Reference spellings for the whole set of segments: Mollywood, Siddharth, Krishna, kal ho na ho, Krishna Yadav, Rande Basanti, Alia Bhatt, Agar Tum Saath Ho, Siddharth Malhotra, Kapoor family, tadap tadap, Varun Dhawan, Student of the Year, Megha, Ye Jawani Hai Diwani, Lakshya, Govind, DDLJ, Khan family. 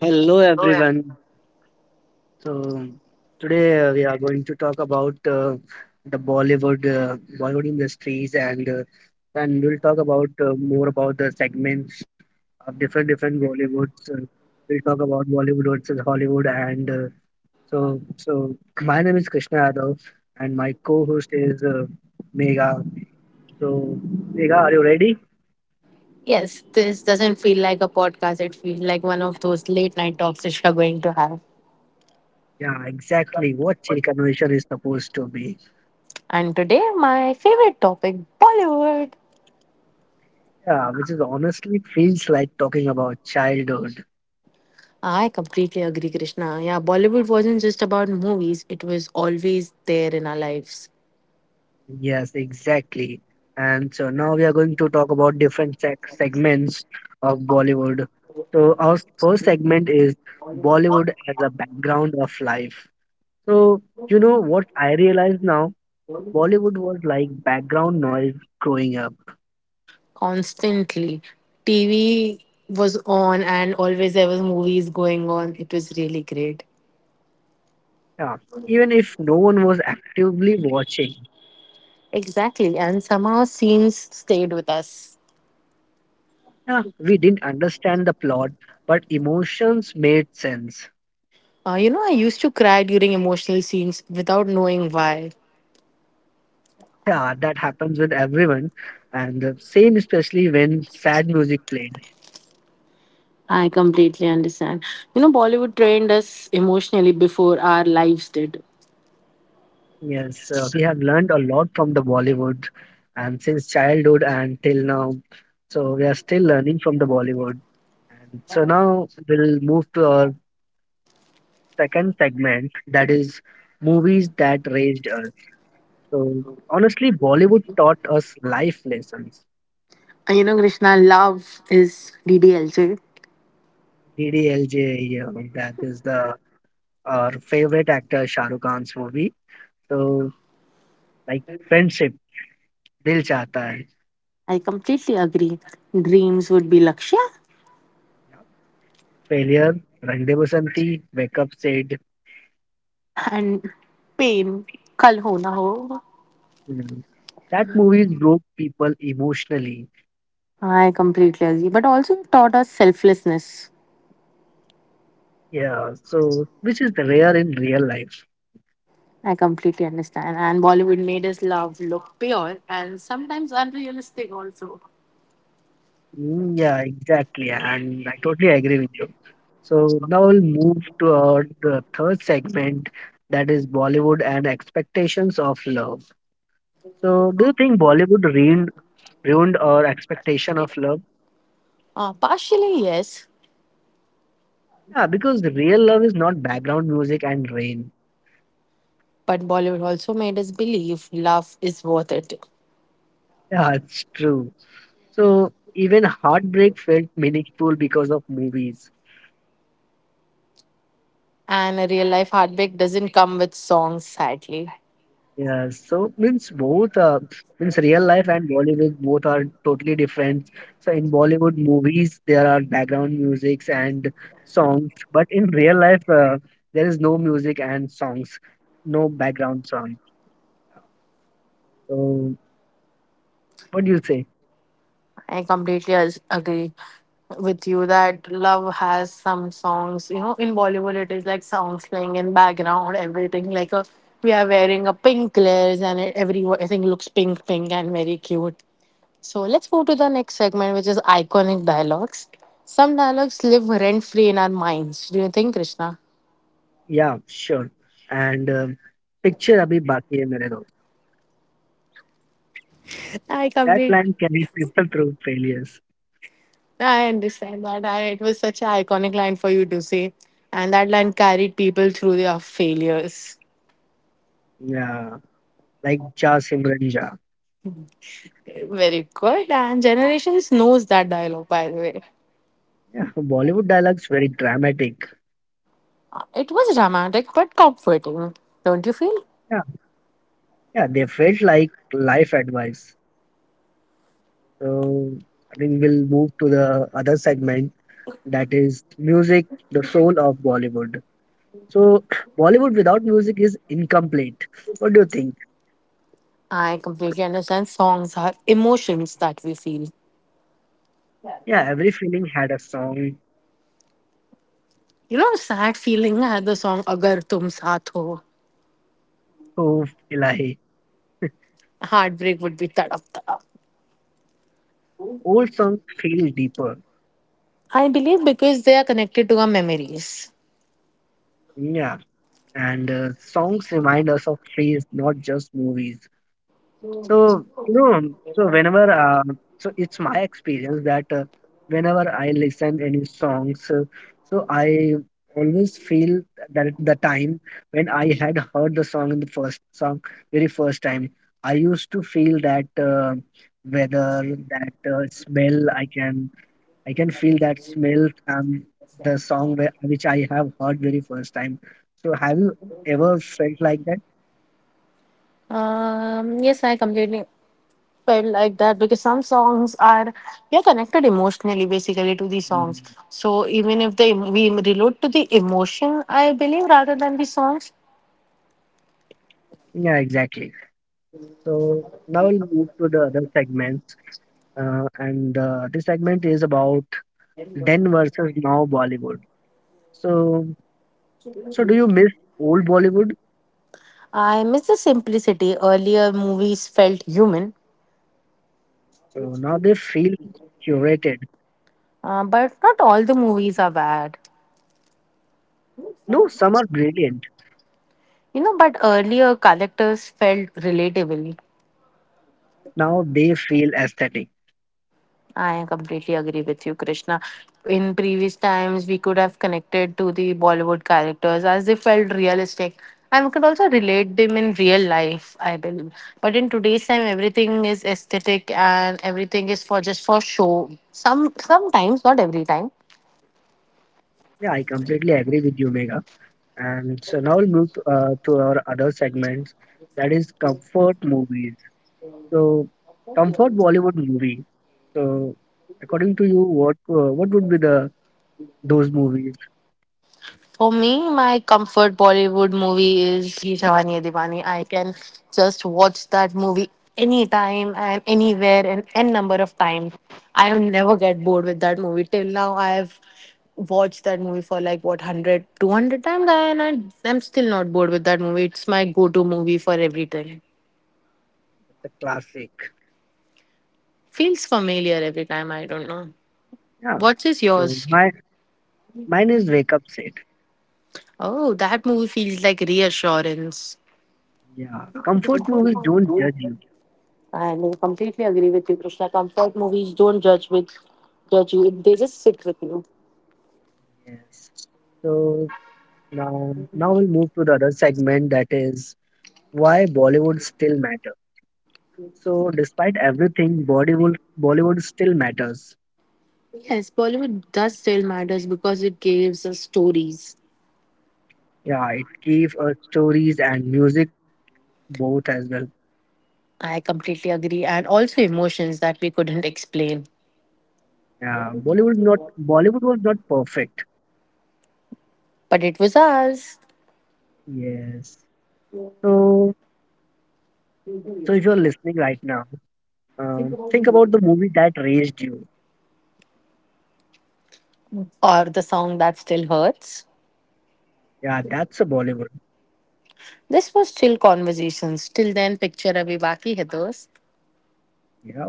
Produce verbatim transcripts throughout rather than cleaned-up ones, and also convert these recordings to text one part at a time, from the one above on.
Hello everyone. So today uh, we are going to talk about uh, the Bollywood uh, Bollywood industries and uh, and we'll talk about uh, more about the segments of different different Bollywoods. Uh, we'll talk about Bollywood versus Hollywood and uh, so so my name is Krishna Yadav and my co-host is uh, Megha. So Megha, are you ready? Yes, this doesn't feel like a podcast. It feels like one of those late night talks that you're going to have. Yeah, exactly what chill conversation is supposed to be. And today, my favorite topic, Bollywood. Yeah, which is honestly feels like talking about childhood. I completely agree, Krishna. Yeah, Bollywood wasn't just about movies, it was always there in our lives, Yes, exactly. And so now we are going to talk about different sec segments of Bollywood. So our first segment is Bollywood as a background of life. So you know what I realize now, Bollywood was like background noise growing up. constantly. T V was on, and always there was movies going on. It was really great. Yeah, even if no one was actively watching. Exactly, and somehow scenes stayed with us. Yeah, we didn't understand the plot, but emotions made sense. Uh, you know, I used to cry during emotional scenes without knowing why. Yeah, that happens with everyone, and the same especially when sad music played. I completely understand. You know, Bollywood trained us emotionally before our lives did. Yes, uh, we have learned a lot from the Bollywood, and since childhood and till now, so we are still learning from the Bollywood. And so now we'll move to our second segment, that is movies that raised us. So honestly, Bollywood taught us life lessons. And you know, Krishna, love is D D L J. D D L J, you know, that is the our favorite actor Shah Rukh Khan's movie. So like friendship दिल चाहता है I completely agree. Dreams would be Lakshya failure, Rande Basanti, Wake Up said. and pain, kal ho na ho. "Hmm, that movies broke people emotionally. I completely agree. But also it taught us selflessness. Yeah, so which is the rare in real life. I completely understand. And Bollywood made us love look pure and sometimes unrealistic also. Mm, yeah, exactly, and I totally agree with you. So now we'll move to our the third segment that is Bollywood and expectations of love. So do you think Bollywood ruined ruined our expectation of love? Uh, partially, yes, Yeah, because real love is not background music and rain. but Bollywood also made us believe love is worth it. Yeah, it's true. So even heartbreak felt meaningful because of movies. And a real life heartbreak doesn't come with songs, sadly. Yeah, so means both uh, means real life and Bollywood both are totally different. So in Bollywood movies there are background musics and songs, but in real life uh, there is no music and songs, no background song. So what do you say? I completely as- agree with you that love has some songs. You know, in Bollywood, it is like songs playing in background, everything. Like a, we are wearing a pink layers, and it, everything looks pink, pink, and very cute. So let's move to the next segment, which is iconic dialogues. Some dialogues live rent free in our minds. Do you think, Krishna? Yeah, sure. And um picture abhi baki hai mere dost. I That completely line carries people through failures. I understand that. I, it was such an iconic line for you to say. And that line carried people through their failures. Yeah, like Ja Simran Ja. Very good. And generations knows that dialogue, by the way. Yeah, Bollywood dialogues very dramatic. Uh, It was dramatic but comforting, don't you feel? Yeah, yeah, they felt like life advice. So I think we'll move to the other segment that is music, the soul of Bollywood. So Bollywood without music is incomplete. What do you think? I completely understand songs are emotions that we feel. Yeah, every feeling had a song. You know, sad feeling had the song Agar Tum Saath Ho. Oh, Ilahi. Heartbreak would be tadap tadap. Old songs feel deeper. I believe because they are connected to our memories. Yeah, and uh, songs remind us of phase, not just movies. So, you know, so whenever, uh, so it's my experience that uh, whenever I listen any songs, uh, so I always feel that at the time when I had heard the song in the first song, very first time, I used to feel that uh, whether that uh, smell, I can, I can feel that smell, um, the song where, which I have heard very first time. So have you ever felt like that? Um, yes, I completely felt like that because some songs are we are connected emotionally basically to these Mm, songs, so even if they we relate to the emotion, I believe, rather than the songs. yeah, exactly. So now we'll move to the other segments, uh, and uh, this segment is about then versus now Bollywood. So, so do you miss old Bollywood? I miss the simplicity. Earlier movies felt human. So now they feel curated. Uh, but not all the movies are bad. No, some are brilliant. You know but earlier characters felt relatable. Now they feel aesthetic. I completely agree with you, Krishna. In previous times, we could have connected to the Bollywood characters as they felt realistic, and we could also relate them in real life, I believe. But in today's time, everything is aesthetic and everything is for just for show. Some sometimes, not every time. Yeah, I completely agree with you, Mega. And so now we'll move uh, to our other segments, that is comfort movies. So, comfort Bollywood movie. So, according to you, what uh, what would be the those movies? For me, my comfort Bollywood movie is Ye Jawani Hai Diwani. I can just watch that movie anytime and anywhere and n number of times. I will never get bored with that movie. Till now, I've watched that movie for like what one hundred, two hundred times, and I, I'm still not bored with that movie. It's my go to movie for everything. The classic. Feels familiar every time. I don't know. Yeah. What is So yours? my mine is Wake Up Set. Oh, that movie feels like reassurance. Yeah. Comfort movies don't judge you. And completely agree with you, Krishna. Comfort movies don't judge with judge you. They just sit with you. Yes. So now now we'll move to the other segment that is why Bollywood still matters. So despite everything, Bollywood Bollywood still matters. Yes, Bollywood does still matters because it gives us stories. Yeah, it gave us stories and music both as well. I completely agree, and also emotions that we couldn't explain. Yeah, Bollywood not Bollywood was not perfect. But it was ours, Yes. So so if you're listening right now, um, think about the movie that raised you. or the song that still hurts. Yeah, that's a Bollywood. This was chill conversations. Till then, picture abhi baki hai dost. Yeah.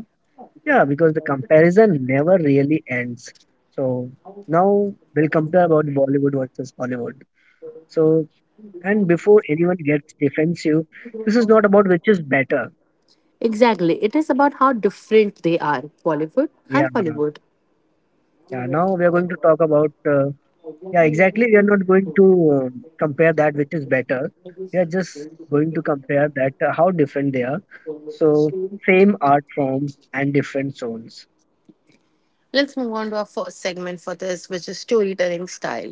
Yeah, because the comparison never really ends. So now we'll compare about Bollywood versus Hollywood. So, and before anyone gets defensive, this is not about which is better. Exactly. It is about how different they are, Bollywood Yeah. and Hollywood. Yeah. Now we are going to talk about, uh, yeah, exactly. We are not going to uh, compare that which is better. We are just going to compare that uh, how different they are. So, same art forms and different zones. Let's move on to our first segment for this, which is storytelling style.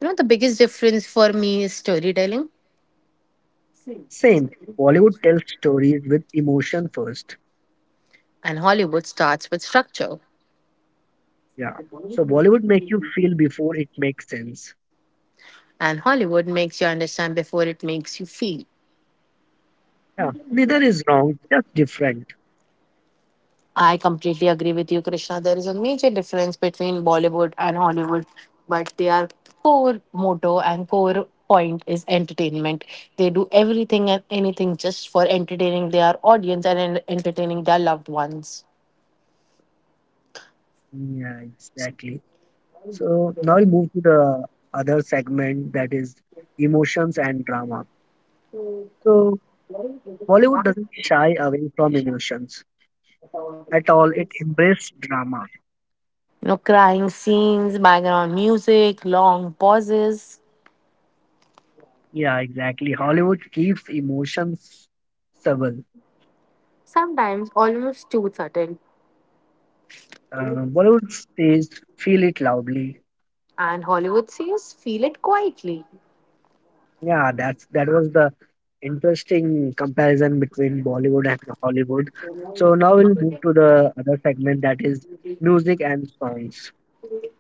You know, the biggest difference for me is storytelling, Same. Bollywood tells stories with emotion first. and Hollywood starts with structure, Yeah. So Bollywood make you feel before it makes sense. and Hollywood makes you understand before it makes you feel. Yeah. Neither is wrong, just different. I completely agree with you, Krishna. There is a major difference between Bollywood and Hollywood, but their core motto and core point is entertainment. They do everything and anything just for entertaining their audience and en- entertaining their loved ones. Yeah, exactly. So now we'll move to the other segment that is emotions and drama. So Bollywood doesn't shy away from emotions at all. It embraces drama. You know, crying scenes, background music, long pauses. Yeah, exactly. Hollywood keeps emotions subtle. Sometimes almost too subtle, Uh, Bollywood says feel it loudly. and Hollywood says feel it quietly. Yeah, that's that was the interesting comparison between Bollywood and Hollywood. So now we'll move to the other segment that is music and songs.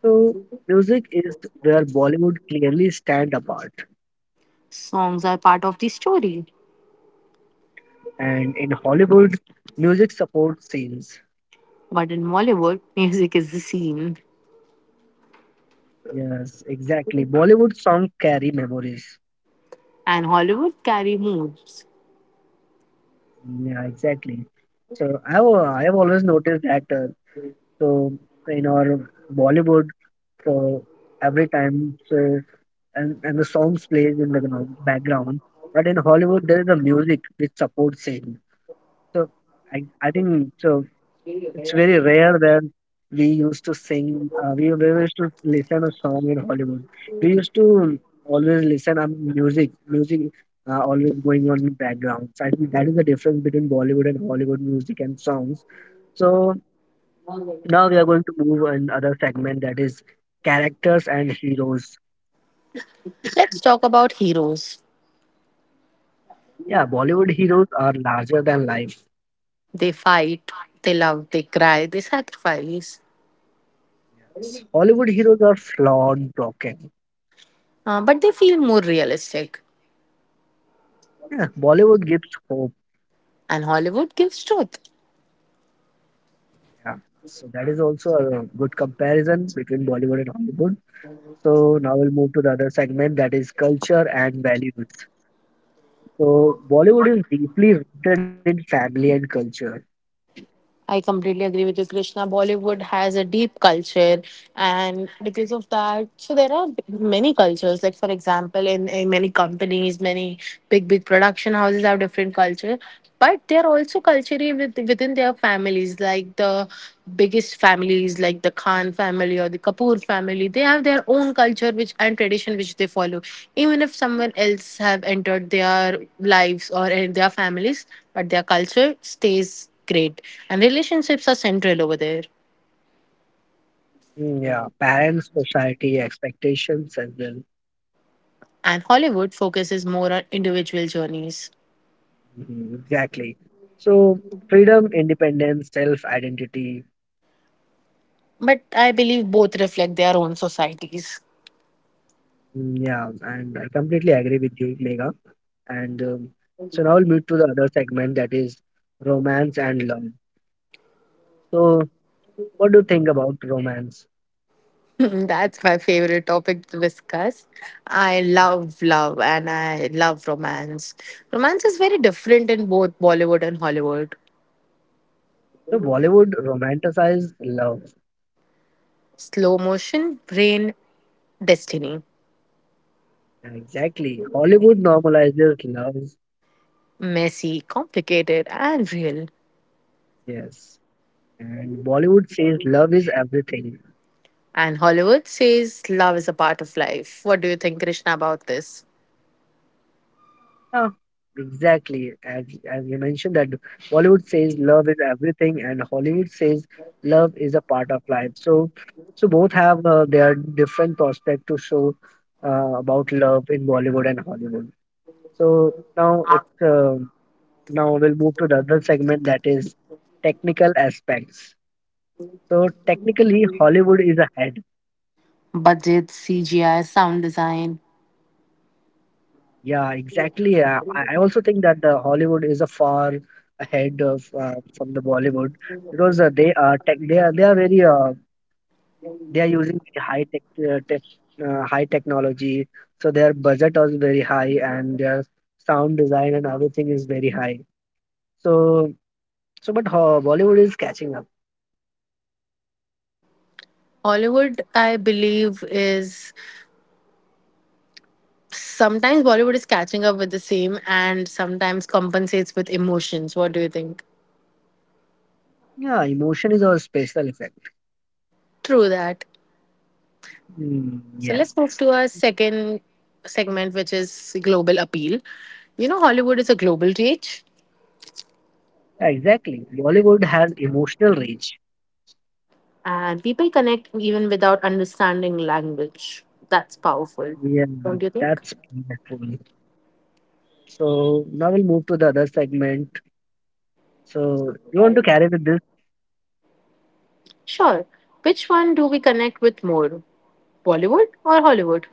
So music is where Bollywood clearly stand apart, Songs are part of the story, and in Hollywood, music supports scenes. but in Mollywood, music is the scene, Yes, exactly. Bollywood songs carry memories. and Hollywood carry moods. Yeah, exactly. So I've I've always noticed that. Uh, so in our Bollywood. So every time, so and and the songs plays in the you know, background. But in Hollywood, there is a music which supports singing. So I I think so. It's very rare that we used to sing. Uh, we, we used to listen a song in Hollywood. We used to always listen a music music. Uh, always going on in background. So I think that is the difference between Bollywood and Hollywood music and songs. So now we are going to move on other segment that is characters and heroes. Let's talk about heroes. Yeah, Bollywood heroes are larger than life. They fight, they love, they cry, they sacrifice, Yes. Hollywood heroes are flawed, broken. uh, but they feel more realistic, Yeah, Bollywood gives hope. and Hollywood gives truth. Yeah. So that is also a good comparison between Bollywood and Hollywood. So now we'll move to the other segment that is culture and values. So Bollywood is deeply rooted in family and culture. I completely agree with you, Krishna. Bollywood has a deep culture, and because of that, so there are many cultures. Like for example, in, in many companies, many big big production houses have different culture, but they are also culturally with, within their families. Like the biggest families, like the Khan family or the Kapoor family, they have their own culture which and tradition which they follow. Even if someone else have entered their lives or in their families, but their culture stays great. And relationships are central over there. Mm, yeah, parents, society, expectations as well. And Hollywood focuses more on individual journeys. Mhm, exactly. So freedom, independence, self-identity. But I believe both reflect their own societies. Mm, yeah, and I completely agree with you, Mega. And um, so now we'll move to the other segment that is romance and love. So, what do you think about romance? That's my favorite topic to discuss. I love love and I love romance. Romance is very different in both Bollywood and Hollywood. So, Bollywood romanticizes love. Slow motion, brain, destiny. Yeah, exactly. Hollywood normalizes love. Messy, complicated, and real. Yes. And Bollywood says love is everything. And Hollywood says love is a part of life. What do you think, Krishna, about this? Yeah, exactly. As as you mentioned that Bollywood says love is everything, and Hollywood says love is a part of life. So, so both have uh, their different prospect to show uh, about love in Bollywood and Hollywood. So now it's uh, now we'll move to the other segment that is technical aspects. So technically, Hollywood is ahead. Budgets, C G I, sound design. Yeah, exactly. Uh, I I also think that the Hollywood is a far ahead of uh, from the Bollywood because uh, they are tech, they are they are very uh, they are using very high tech, uh, tech uh, high technology, so their budget is very high and their sound design and everything is very high. So so but uh, Bollywood is catching up. Hollywood, I believe, is sometimes Bollywood is catching up with the same and sometimes compensates with emotions. What do you think? Yeah, emotion is our special effect. True that. Mm, So let's yes, move to our second segment, which is global appeal. You know, Hollywood is a global reach exactly. Bollywood has emotional reach. and people connect even without understanding language. That's powerful, Yeah, don't you think? that's beautiful. So now we'll move to the other segment. So you want to carry with this Sure. Which one do we connect with more, Bollywood or Hollywood?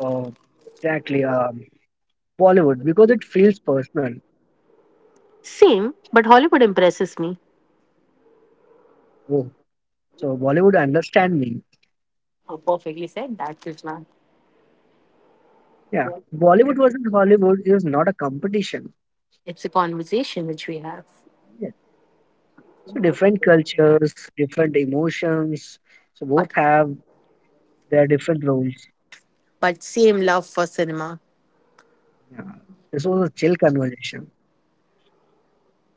uh, exactly um, Bollywood because it feels personal. Same, but Hollywood impresses me. Oh, so Bollywood understand me. Oh, perfectly said that, Krishna. Yeah, Bollywood versus Hollywood is not a competition. It's a conversation which we have. Yes. So different cultures, different emotions. So both But, have their different roles. but same love for cinema. Yeah. This was a chill conversation.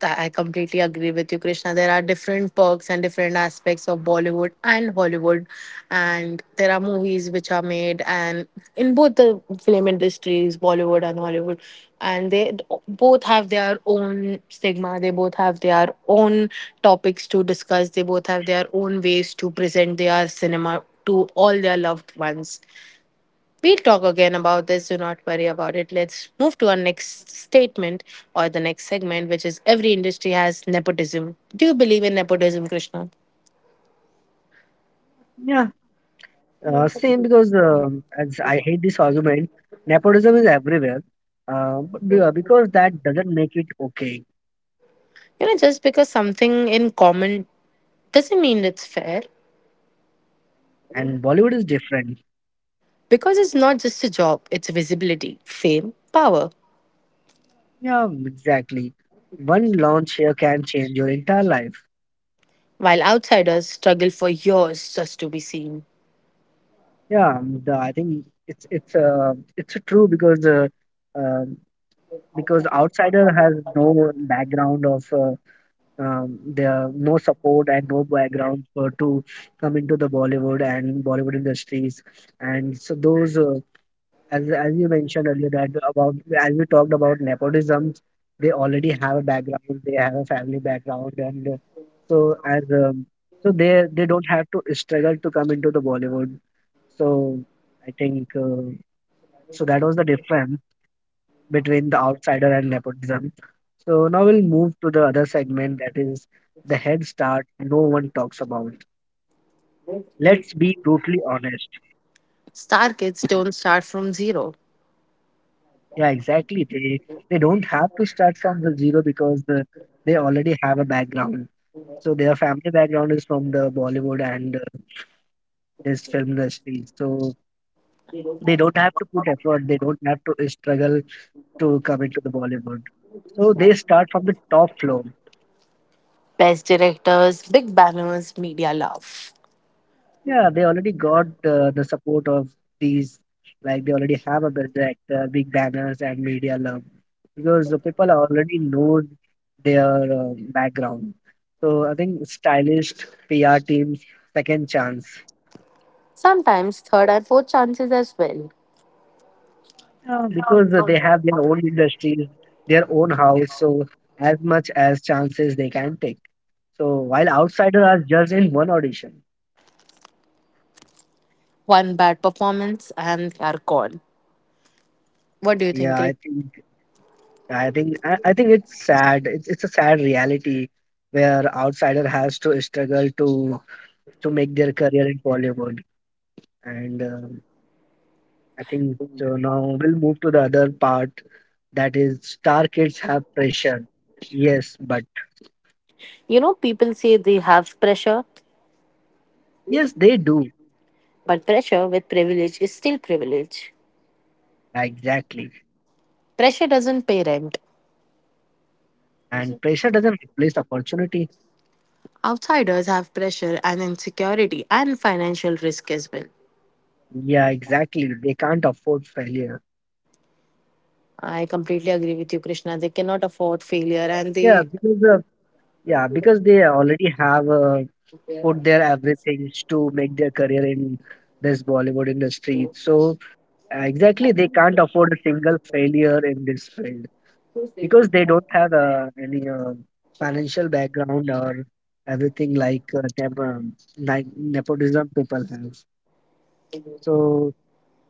Th- I completely agree with you, Krishna. There are different perks and different aspects of Bollywood and Hollywood, and there are movies which are made and in both the film industries, Bollywood and Hollywood, and they d- both have their own stigma. They both have their own topics to discuss. They both have their own ways to present their cinema to all their loved ones. We'll talk again about this. Do not worry about it. Let's move to our next statement or the next segment, which is every industry has nepotism. Do you believe in nepotism, Krishna? Yeah. Uh, same because um, as I hate this argument, nepotism is everywhere, uh, but be- uh, because that doesn't make it okay. You know, just because something in common doesn't mean it's fair, And Bollywood is different. because it's not just a job, it's visibility, fame, power, Yeah, um, exactly. One launch here can change your entire life. while outsiders struggle for years just to be seen. Yeah, um, the, I think it's it's uh, it's true because uh, um because outsider has no background of uh, um, there no support and no background for to come into the Bollywood and Bollywood industries and so those uh, as as you mentioned earlier that about as we talked about nepotism, they already have a background, they have a family background, and uh, so as um, so they they don't have to struggle to come into the Bollywood. So I think uh, so that was the difference between the outsider and nepotism. So now we'll move to the other segment that is the head start no one talks about. Let's be brutally honest. Star kids don't start from zero. Yeah, exactly. They they don't have to start from the zero because the, they already have a background. So their family background is from the Bollywood and uh, this film industry. So they don't have to put effort. They don't have to struggle to come into the Bollywood. So they start from the top floor. Best directors, big banners, media love. Yeah, they already got uh, the support of these, like they already have a big director, big banners, and media love because the people already know their uh, background. So I think stylish P R teams second chance Sometimes third and fourth chances as well. yeah, because uh, they have their own industries, their own house, so as much as chances they can take. So while outsiders are just in one audition, One bad performance and they are gone. What do you yeah, think, I Krish? think I think I, I think it's sad. It's it's a sad reality where outsider has to struggle to to make their career in Bollywood. And um, I think so now we'll move to the other part, that is star kids have pressure. Yes, but You know, people say they have pressure, yes, they do. but pressure with privilege is still privilege. Exactly. Pressure doesn't pay rent. And pressure doesn't replace opportunity. Outsiders have pressure and insecurity and financial risk as well. Yeah, exactly. They can't afford failure. I completely agree with you, Krishna. They cannot afford failure and Yeah, they. because uh, yeah, because they already have a put their everything to make their career in this Bollywood industry. So uh, exactly, they can't afford a single failure in this field because they don't have uh, any uh, financial background or everything like uh, nep- um, like nepotism people have. So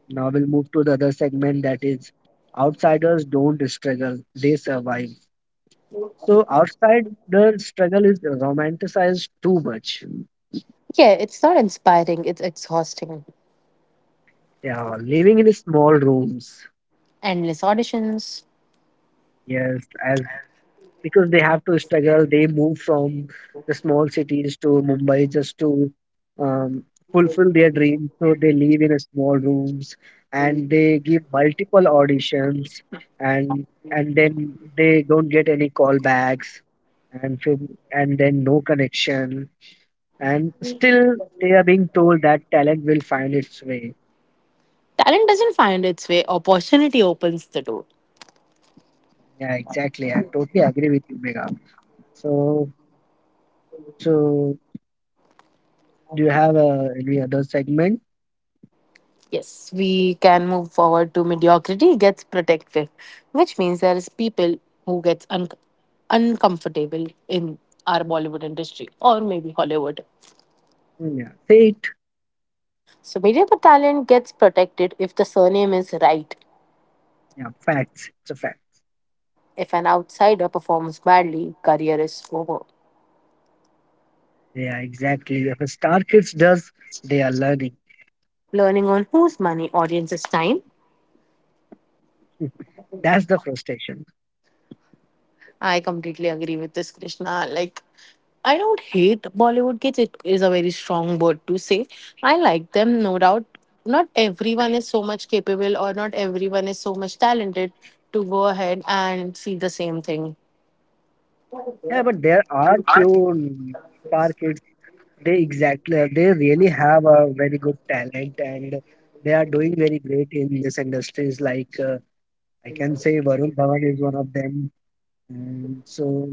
now we'll move to the other segment, that is outsiders don't struggle; they survive. So outsider struggle is romanticized too much. Yeah, it's not inspiring, it's exhausting. Yeah, living in small rooms. Endless auditions. Yes, as because they have to struggle, they move from the small cities to Mumbai just to um, fulfill their dreams. So they live in a small rooms, and they give multiple auditions, and and then they don't get any callbacks, and from, and then no connection, and still they are being told that talent will find its way. Talent doesn't find its way, opportunity opens the door. Yeah, exactly. I totally agree with you, Mega. So so do you have uh, any other segment? Yes, we can move forward to mediocrity gets protected, which means there is people who gets un- uncomfortable in our Bollywood industry or maybe Hollywood. Mm, yeah, fate, So mediocre talent gets protected if the surname is right. yeah, facts. It's a fact. If an outsider performs badly, career is over. Yeah, exactly. If a star kids does, they are learning. Learning on whose money, audience's time? That's the frustration. I completely agree with this, Krishna. Like, I don't hate Bollywood kids. It is a very strong word to say. I like them, no doubt. Not everyone is so much capable, or not everyone is so much talented to go ahead and see the same thing. Yeah, but there are few mm, star kids. They exactly, they really have a very good talent, and they are doing very great in this industries. Like uh, I can say, Varun Dhawan is one of them. And so,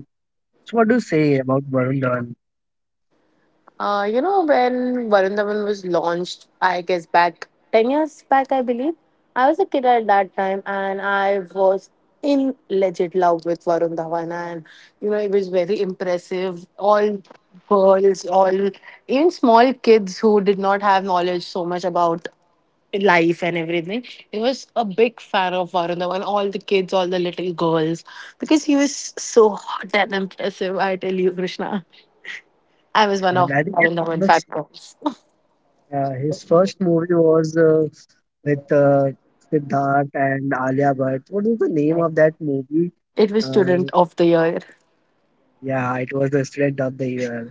so what do you say about Varun Dhawan? Uh, you know, when Varun Dhawan was launched, I guess back ten years back, I believe, I was a kid at that time and I was in legit love with Varun Dhawan. And you know, it was very impressive. All girls, all even small kids who did not have knowledge so much about life and everything. He was a big fan of Varun Dhawan, all the kids, all the little girls, because he was so hot and impressive, I tell you, Krishna. I was one And of I think my it's number the five girls. Uh, his first movie was uh, with uh, Siddharth and Alia Bhatt. What is the name of that movie? It was Uh, Student of the Year. yeah, it was the Student of the Year,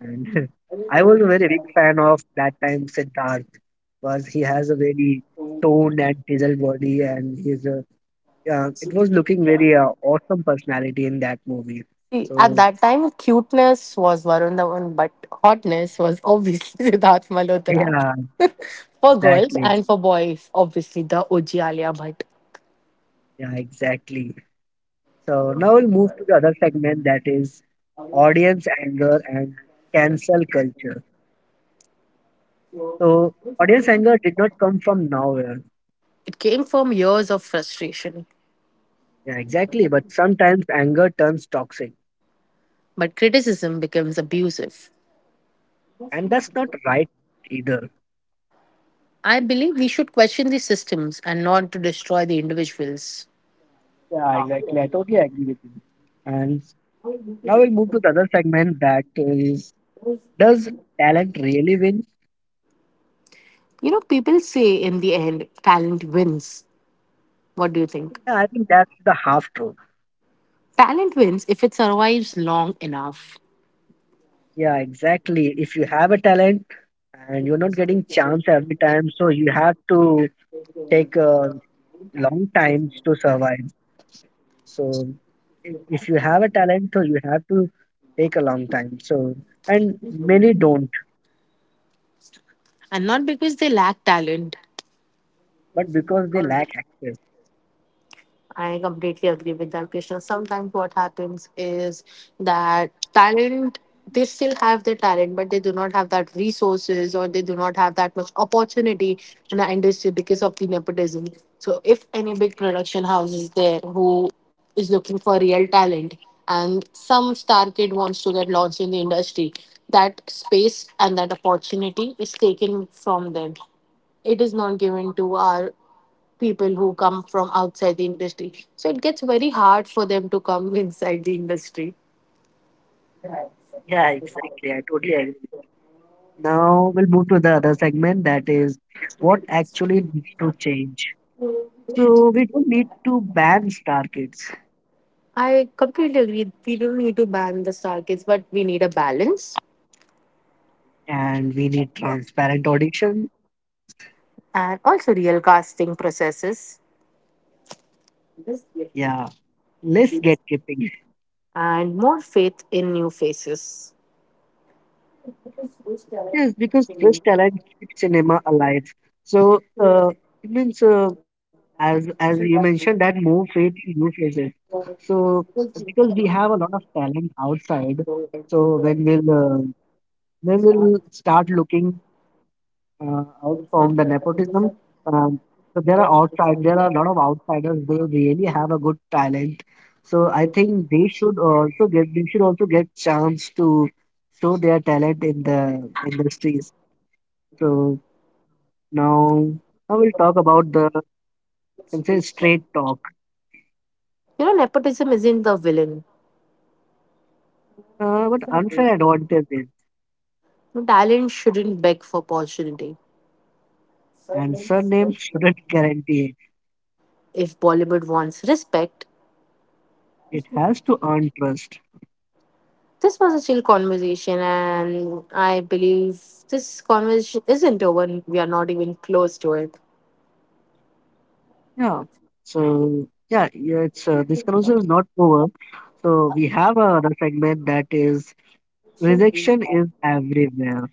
and I was a very big fan of that time Siddharth, because he has a very toned and chiseled body, and he's a yeah, it was looking very uh, awesome personality in that movie. See, at So that time, cuteness was Varun Dhawan, but hotness was obviously Siddharth Malhotra. yeah, For girls exactly, and for boys, obviously the O G Alia Bhatt. yeah, exactly. So now we'll move to the other segment, that is audience anger and cancel culture. So audience anger did not come from nowhere. It came from years of frustration, Yeah, exactly. But sometimes anger turns toxic, but criticism becomes abusive. and that's not right either. I believe we should question the systems and not to destroy the individuals. Yeah, exactly. I totally agree with you. And now we'll move to the other segment, that is does talent really win? You know, people say in the end, talent wins. What do you think? Yeah, I think that's the half truth. Talent wins if it survives long enough, Yeah, exactly. If you have a talent and you're not getting chance every time, so you have to take a long times to survive. So if, if you have a talent, so you have to take a long time. So and many don't, and not because they lack talent. but because they lack access. I completely agree with that, Krishna. Sometimes what happens is that talent, they still have their talent, but they do not have that resources or they do not have that much opportunity in the industry because of the nepotism. So if any big production house is there who is looking for real talent and some star kid wants to get launched in the industry, that space and that opportunity is taken from them. It is not given to our people who come from outside the industry. So it gets very hard for them to come inside the industry. Yeah, exactly. I totally agree. Now we'll move to the other segment, that is what actually needs to change. So we don't need to ban star kids, I completely agree. We don't need to ban the star kids, but we need a balance and we need transparent auditions. and also real casting processes Yeah, less gatekeeping. and more faith in new faces. Yes, because fresh talent keeps cinema alive. So uh, it means uh, as as you mentioned that move faith new faces, so because we have a lot of talent outside, so when we'll uh, when we'll start looking uh, out from the nepotism, um, so there are outside, there are a lot of outsiders, they really have a good talent, so I think they should also get, they should also get chance to show their talent in the industries. So now I will talk about the can say straight talk. You know, nepotism isn't the villain. Uh, but unfair advantages, Talent shouldn't beg for opportunity. and surname shouldn't guarantee If Bollywood wants respect, it. It has to earn trust. this was a chill conversation, and I believe this conversation isn't over. We are not even close to it. Yeah. So yeah, yeah, it's uh, this conversation is not over. So we have another segment, that is rejection is everywhere.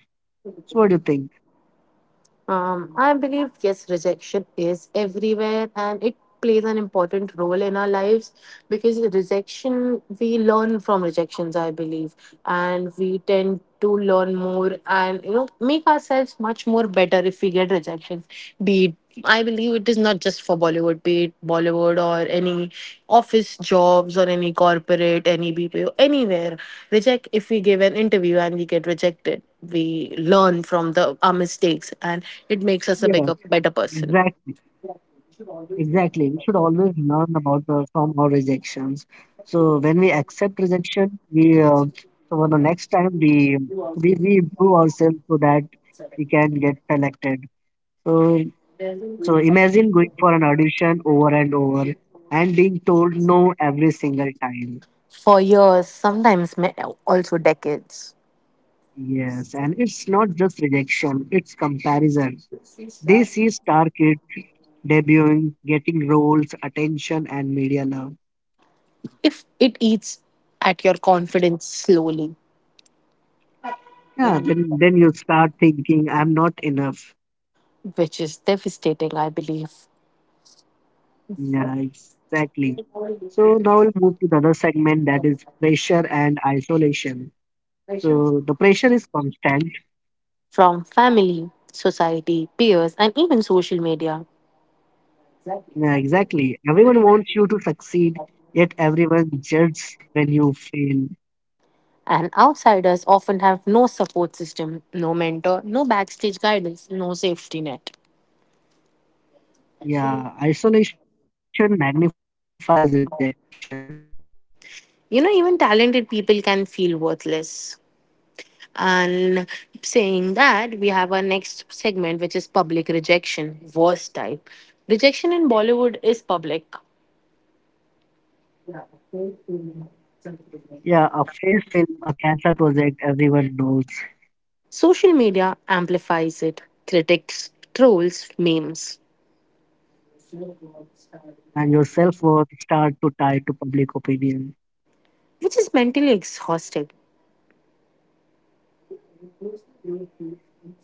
So what do you think? Um, I believe, yes, rejection is everywhere and it plays an important role in our lives, because rejection, we learn from rejections, I believe, and we tend to learn more and, you know, make ourselves much more better if we get rejections, be it, I believe, it is not just for Bollywood, be it Bollywood or any office jobs or any corporate, any B P O, anywhere. Reject if we give an interview and we get rejected, we learn from the our mistakes and Yeah, it makes us a bigger, better exactly, person. exactly. We should always learn about the from our rejections. So when we accept rejection, we uh, so for the next time we we we improve ourselves so that we can get selected. Uh, so imagine going for an audition over and over and being told no every single time. For years, sometimes ma- also decades. Yes, and it's not just rejection, it's comparison. They see star kids debuting, getting roles, attention, and media love. If it eats at your confidence slowly, Yeah, then, then you start thinking, I'm not enough. which is devastating, I believe, Yeah, exactly. So now we'll move to the other segment, that is pressure and isolation. So the pressure is constant. from family, society, peers, and even social media. Yeah, exactly. Everyone wants you to succeed, yet everyone judges when you fail. And outsiders often have no support system, no mentor, no backstage guidance, no safety net. Yeah, isolation magnifies rejection. You know, even talented people can feel worthless. And saying that, we have our next segment, which is public rejection, worst type. Rejection in Bollywood is public. Yeah, a failed film, a cancelled project, everyone knows. Social media amplifies it. Critics, trolls, memes, And your self-worth start to tie to public opinion. which is mentally exhausting.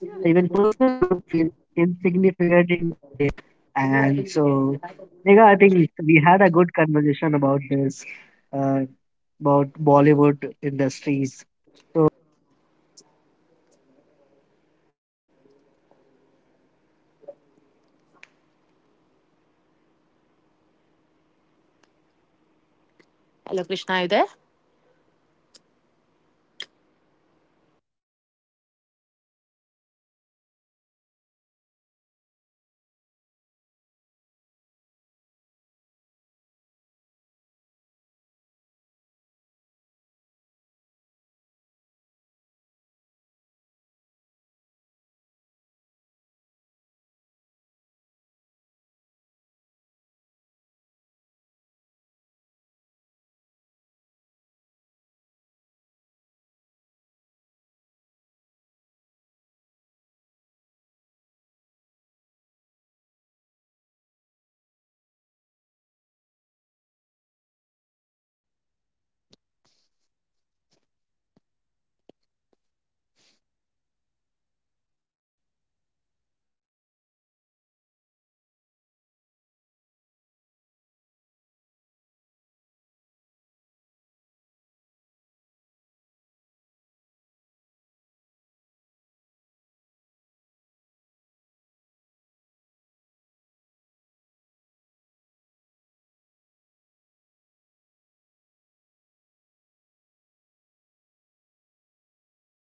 Yeah, even personal growth feels insignificant in that era. And so, Megha, I think we had a good conversation about this, uh, about Bollywood industries. So I think uh, we have discussed a lot about Bollywood and Hollywood and their music and songs, everything. Hello, Krishna, are you there? Reconnecting. Thirty minutes.